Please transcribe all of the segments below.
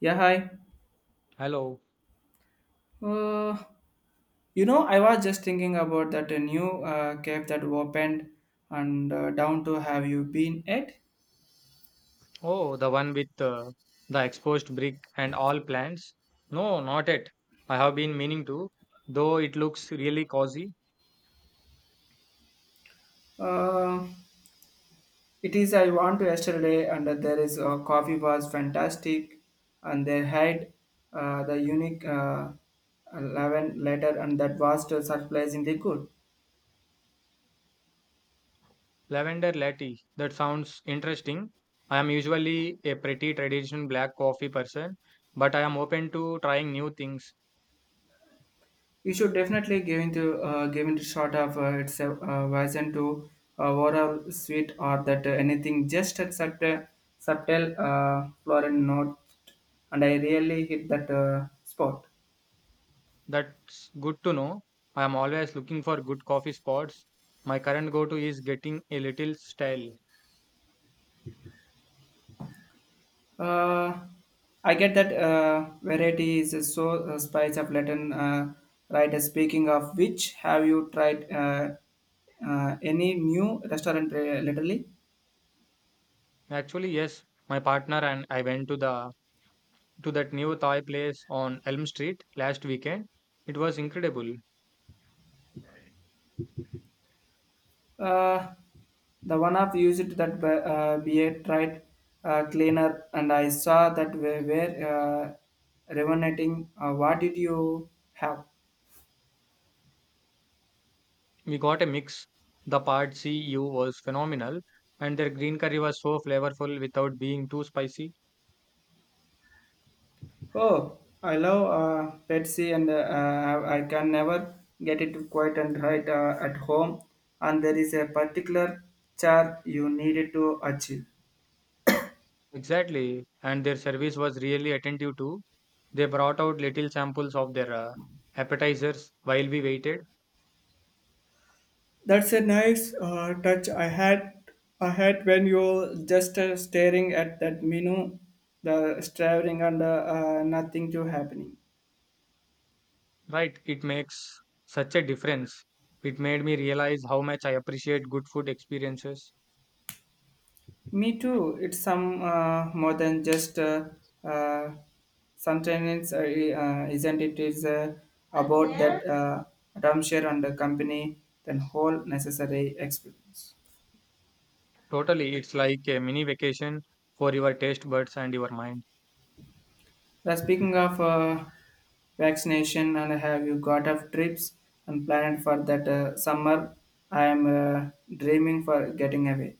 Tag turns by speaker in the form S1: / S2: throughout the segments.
S1: Yeah, hi.
S2: Hello.
S1: Uh, I was just thinking about that new cave that opened and down to have you been at?
S2: Oh, the one with the exposed brick and all plants? No, not yet. I have been meaning to, though it looks really cozy.
S1: Uh, it is I want to yesterday and there is coffee was fantastic and they had the unique 11 letter and that was surprisingly good.
S2: Lavender latte. That sounds interesting. I am usually a pretty traditional black coffee person, but I am open to trying new things.
S1: You should definitely give into short of it's a version to overall suite or that anything just at such a subtle floral note, and I really hit that spot.
S2: That's good to know. I am always looking for good coffee spots. My current go to is getting a little stale.
S1: Uh, I get that variety is so spice of Latin writer. Speaking of which, have you tried any new restaurant lately?
S2: Actually, yes, my partner and I went to that new Thai place on Elm Street last weekend. It was incredible.
S1: Uh, The one of used that beard tried cleaner, and I saw that we were revenating. What did you have?
S2: We got a mix. The pad see ew was phenomenal, and their green curry was so flavorful without being too spicy.
S1: Oh, I love Pepsi, and I can never get it quiet and right at home. And there is a particular char you needed to achieve.
S2: Exactly, and their service was really attentive too. They brought out little samples of their appetizers while we waited.
S1: That's a nice touch. I had when you just staring at that menu, the staring and nothing to happening.
S2: Right, it makes such a difference. It made me realize how much I appreciate good food experiences.
S1: Me too. It's some more than just uh, sometimes isn't it is about that timeshare and the company then whole necessary experience.
S2: Totally, it's like a mini vacation for your taste buds and your mind.
S1: Yeah, speaking of vaccination, and have you got of trips and planned for that summer? I am dreaming for getting away.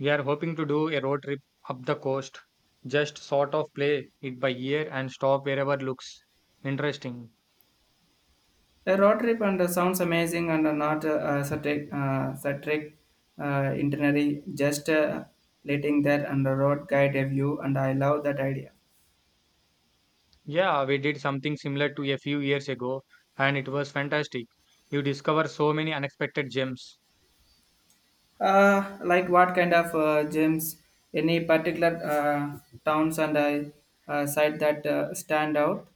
S2: We are hoping to do a road trip up the coast, just sort of play it by ear and stop wherever looks interesting.
S1: A road trip and sounds amazing and not satric itinerary, just letting that and the road guide a view, and I love that idea.
S2: Yeah, we did something similar to a few years ago, and it was fantastic. You discover so many unexpected gems.
S1: Like what kind of gyms, any particular towns and I site that stand out?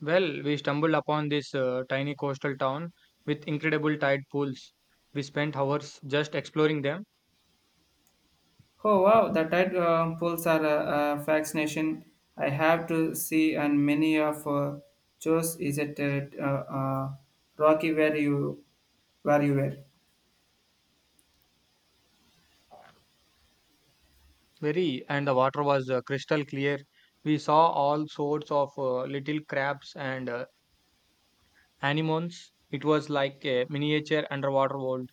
S2: Well, we stumbled upon this tiny coastal town with incredible tide pools. We spent hours just exploring them.
S1: Oh wow, the tide pools are a fascination. I have to see, and many of shows is at uh, Rocky where you were.
S2: Very, and the water was crystal clear. We saw all sorts of little crabs and anemones. It was like a miniature underwater world.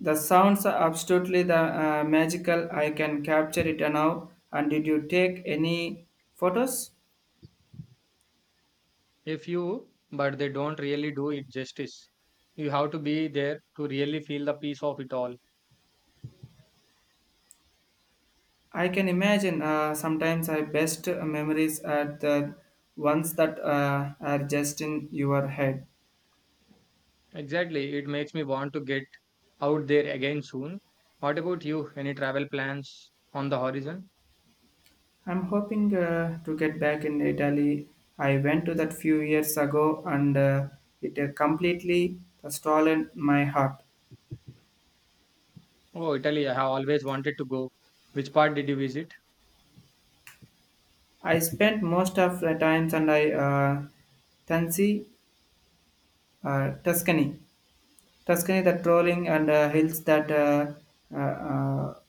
S1: The sounds are absolutely the magical. I can capture it now. And did you take any photos?
S2: A few, but they don't really do it justice. You have to be there to really feel the peace of it all.
S1: I can imagine. Sometimes I best memories are the ones that are just in your head.
S2: Exactly, it makes me want to get out there again soon. What about you? Any travel plans on the horizon?
S1: I'm hoping to get back in Italy. I went to that few years ago and it completely stolen my heart.
S2: Oh, Italy, I have always wanted to go. Which part did you visit?
S1: I spent most of the times and I Tansi, uh, Tuscany, the trolling and hills that uh, uh,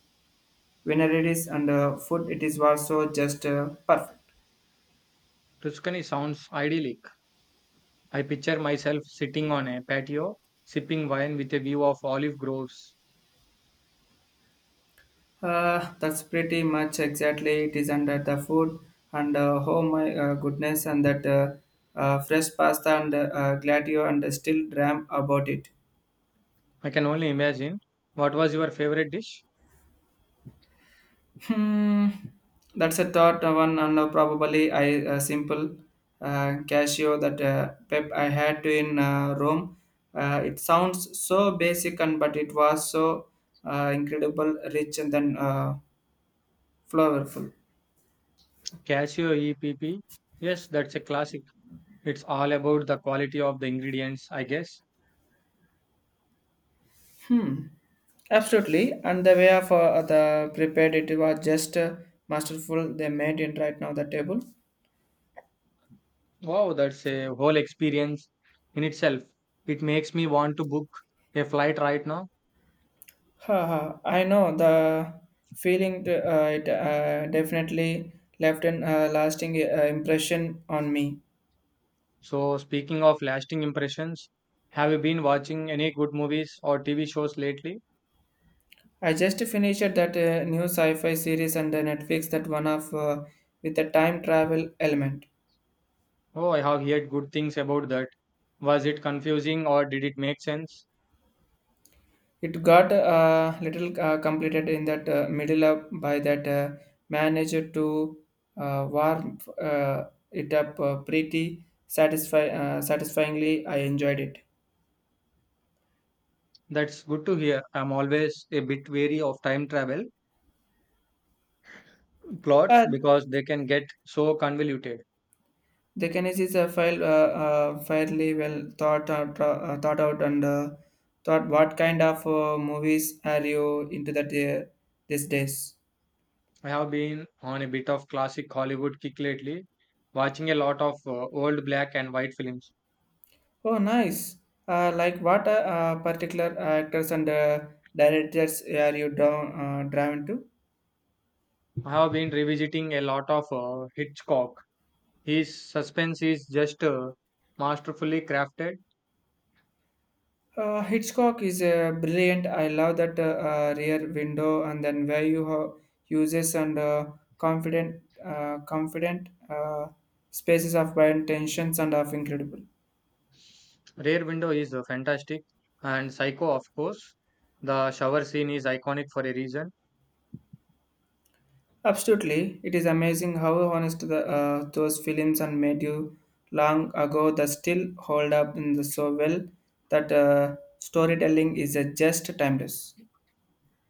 S1: whenever it is and food, it is also just perfect.
S2: Tuscany sounds idyllic. I picture myself sitting on a patio, sipping wine with a view of olive groves.
S1: That's pretty much exactly it is under the food and oh my goodness and that fresh pasta and gladio and still dram about it.
S2: I can only imagine. What was your favorite dish?
S1: Hmm, that's a thought one and probably I simple cashew that pep I had to in Rome. It sounds so basic and but it was so incredible, rich and then flavorful.
S2: Casio EPP. Yes, that's a classic. It's all about the quality of the ingredients, I guess.
S1: Hmm. Absolutely. And the way of the prepared it was just masterful. They made it right now the table.
S2: Wow, that's a whole experience in itself. It makes me want to book a flight right now.
S1: Haha. I know the feeling. It definitely left an lasting impression on me.
S2: So, speaking of lasting impressions, have you been watching any good movies or TV shows lately?
S1: I just finished that new sci-fi series on the Netflix. That one of with a time travel element.
S2: Oh, I have heard good things about that. Was it confusing or did it make sense?
S1: It got a little completed in that middle up by that manager to warm it up pretty satisfyingly. I enjoyed it.
S2: That's good to hear. I'm always a bit wary of time travel plots
S1: Uh,
S2: because they can get so convoluted.
S1: the Kennedy is a file fairly well thought out, thought out and thought what kind of movies are you into that these days.
S2: I have been on a bit of classic Hollywood kick lately, watching a lot of old black and white films.
S1: Oh, nice. Like what particular actors and directors are you drawn to?
S2: I have been revisiting a lot of Hitchcock. His suspense is just masterfully crafted.
S1: Hitchcock is brilliant. I love that rear window and then where you have uses and confident spaces of violent tensions and of incredible.
S2: Rear Window is fantastic, and Psycho, of course. The shower scene is iconic for a reason.
S1: Absolutely, it is amazing how honest those films and made you long ago that still hold up in the so well that storytelling is just timeless.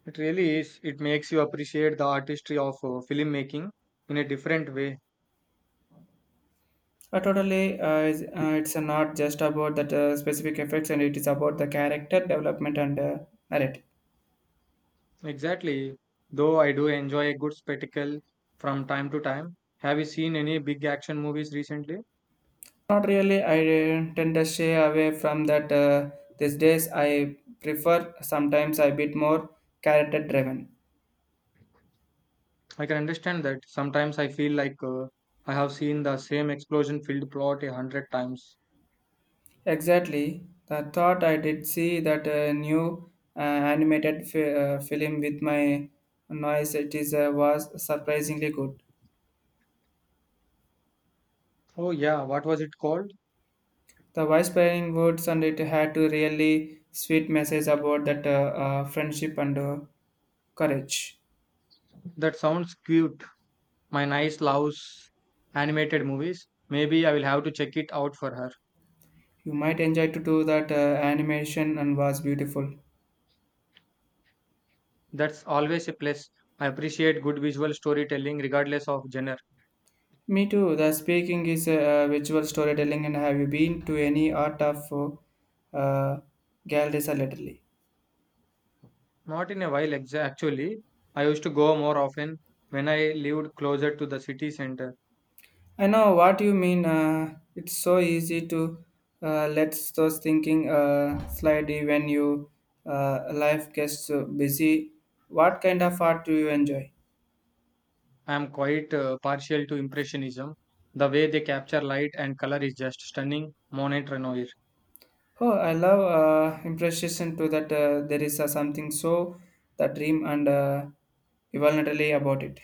S2: It really is. It makes you appreciate the artistry of filmmaking in a different way.
S1: Totally, it's not just about that specific effects, and it is about the character development and narrative.
S2: Exactly. Though I do enjoy a good spectacle from time to time. Have you seen any big action movies recently?
S1: Not really. I tend to shy away from that these days. I prefer sometimes a bit more character driven.
S2: I can understand that. Sometimes I feel like I have seen the same explosion filled plot a hundred times.
S1: Exactly. I thought I did see that new animated film with my noise. It is was surprisingly good.
S2: Oh, yeah, what was it called?
S1: The wise pairing words and it had to really sweet message about that friendship and courage.
S2: That sounds cute. My niece loves animated movies. Maybe I will have to check it out for her.
S1: You might enjoy to do that animation and was beautiful.
S2: That's always a plus. I appreciate good visual storytelling regardless of genre.
S1: Me too. The speaking is visual storytelling and have you been to any art of uh, uh, galleries lately?
S2: Not in a while, actually. I used to go more often when I lived closer to the city center.
S1: I know what you mean. It's so easy to let those thinking slide when you life gets so busy. What kind of art do you enjoy?
S2: I am quite partial to Impressionism. The way they capture light and color is just stunning. Monet Renoir.
S1: Oh, I love impression to that. There is something so the dream and voluntarily about it.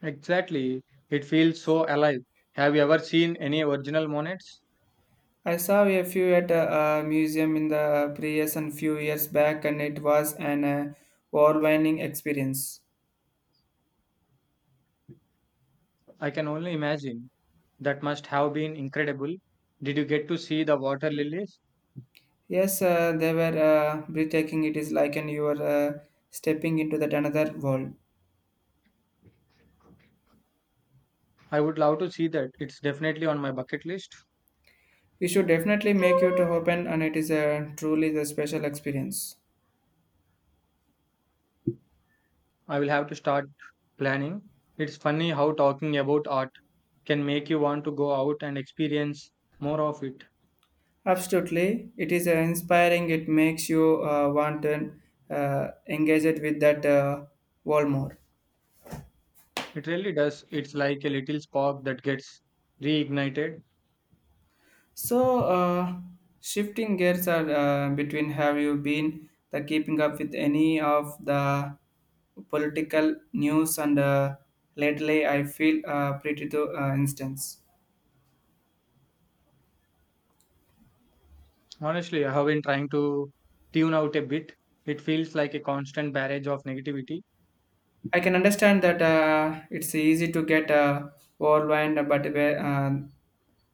S2: Exactly. It feels so alive. Have you ever seen any original Monets?
S1: I saw a few at a museum in the previous and few years back, and it was an overwhelming experience.
S2: I can only imagine. That must have been incredible. Did you get to see the water lilies?
S1: Yes, they were breathtaking. It is like and you are stepping into that another world.
S2: I would love to see that. It's definitely on my bucket list.
S1: We should definitely make you to open, and it is a truly the special experience.
S2: I will have to start planning. It's funny how talking about art can make you want to go out and experience more of it.
S1: Absolutely, it is inspiring. It makes you want to engage it with that world more.
S2: It really does. It's like a little spark that gets reignited.
S1: So, shifting gears are, between have you been the keeping up with any of the political news and lately I feel pretty to instance.
S2: Honestly, I have been trying to tune out a bit. It feels like a constant barrage of negativity.
S1: I can understand that it's easy to get overwhelmed, but where,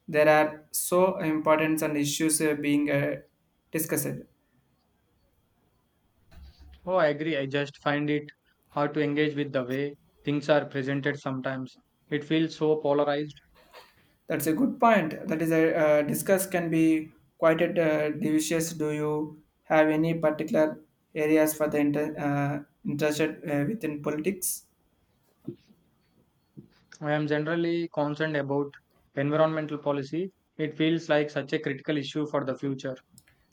S1: there are so important and issues being discussed.
S2: Oh, I agree. I just find it hard to engage with the way things are presented sometimes. It feels so polarized.
S1: That's a good point. That is a discuss can be quite a delicious. Do you have any particular areas for the interested within politics?
S2: I am generally concerned about environmental policy. It feels like such a critical issue for the future.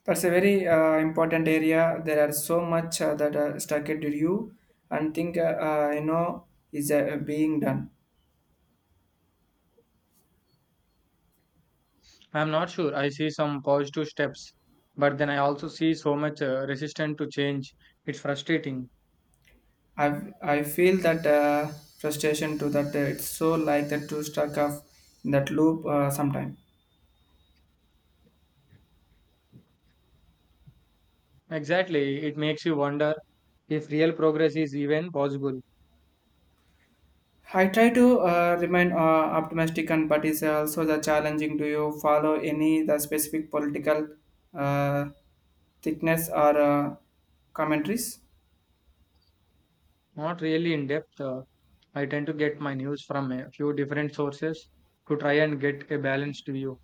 S1: That's a very important area. There are so much that are stuck at you and think you know is being done.
S2: I am not sure. I see some positive steps, but then I also see so much resistance to change. It's frustrating.
S1: I I feel that frustration to that it's so like that to stuck off in that loop sometime.
S2: Exactly. It makes you wonder if real progress is even possible.
S1: I try to remain optimistic, and but it's also the challenging. Do you follow any the specific political uh, thickness or commentaries?
S2: Not really in depth. I tend to get my news from a few different sources to try and get a balanced view.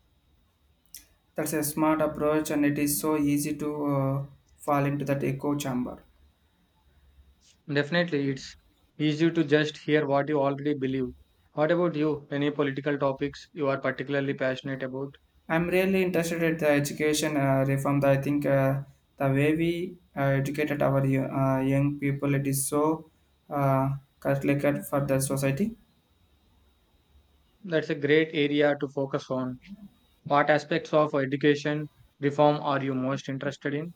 S1: That's a smart approach, and it is so easy to fall into that echo chamber.
S2: Definitely, it's easy to just hear what you already believe. What about you? Any political topics you are particularly passionate about?
S1: I'm really interested in the education reform. I think the way we educated our young people, it is so uh, calculated for the society.
S2: That's a great area to focus on. What aspects of education reform are you most interested in?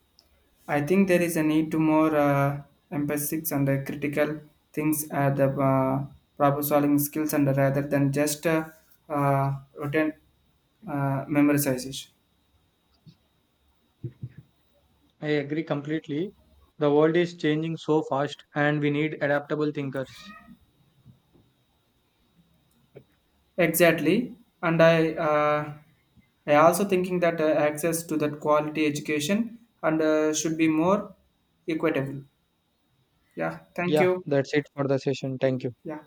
S1: I think there is a need to more emphasis on the critical things, the problem solving skills, and rather than just routine memorization.
S2: I agree completely. The world is changing so fast, and we need adaptable thinkers.
S1: Exactly, and I also thinking that access to that quality education and should be more equitable. Yeah, thank
S2: Yeah,
S1: you.
S2: that's it for the session. Thank you.
S1: Yeah.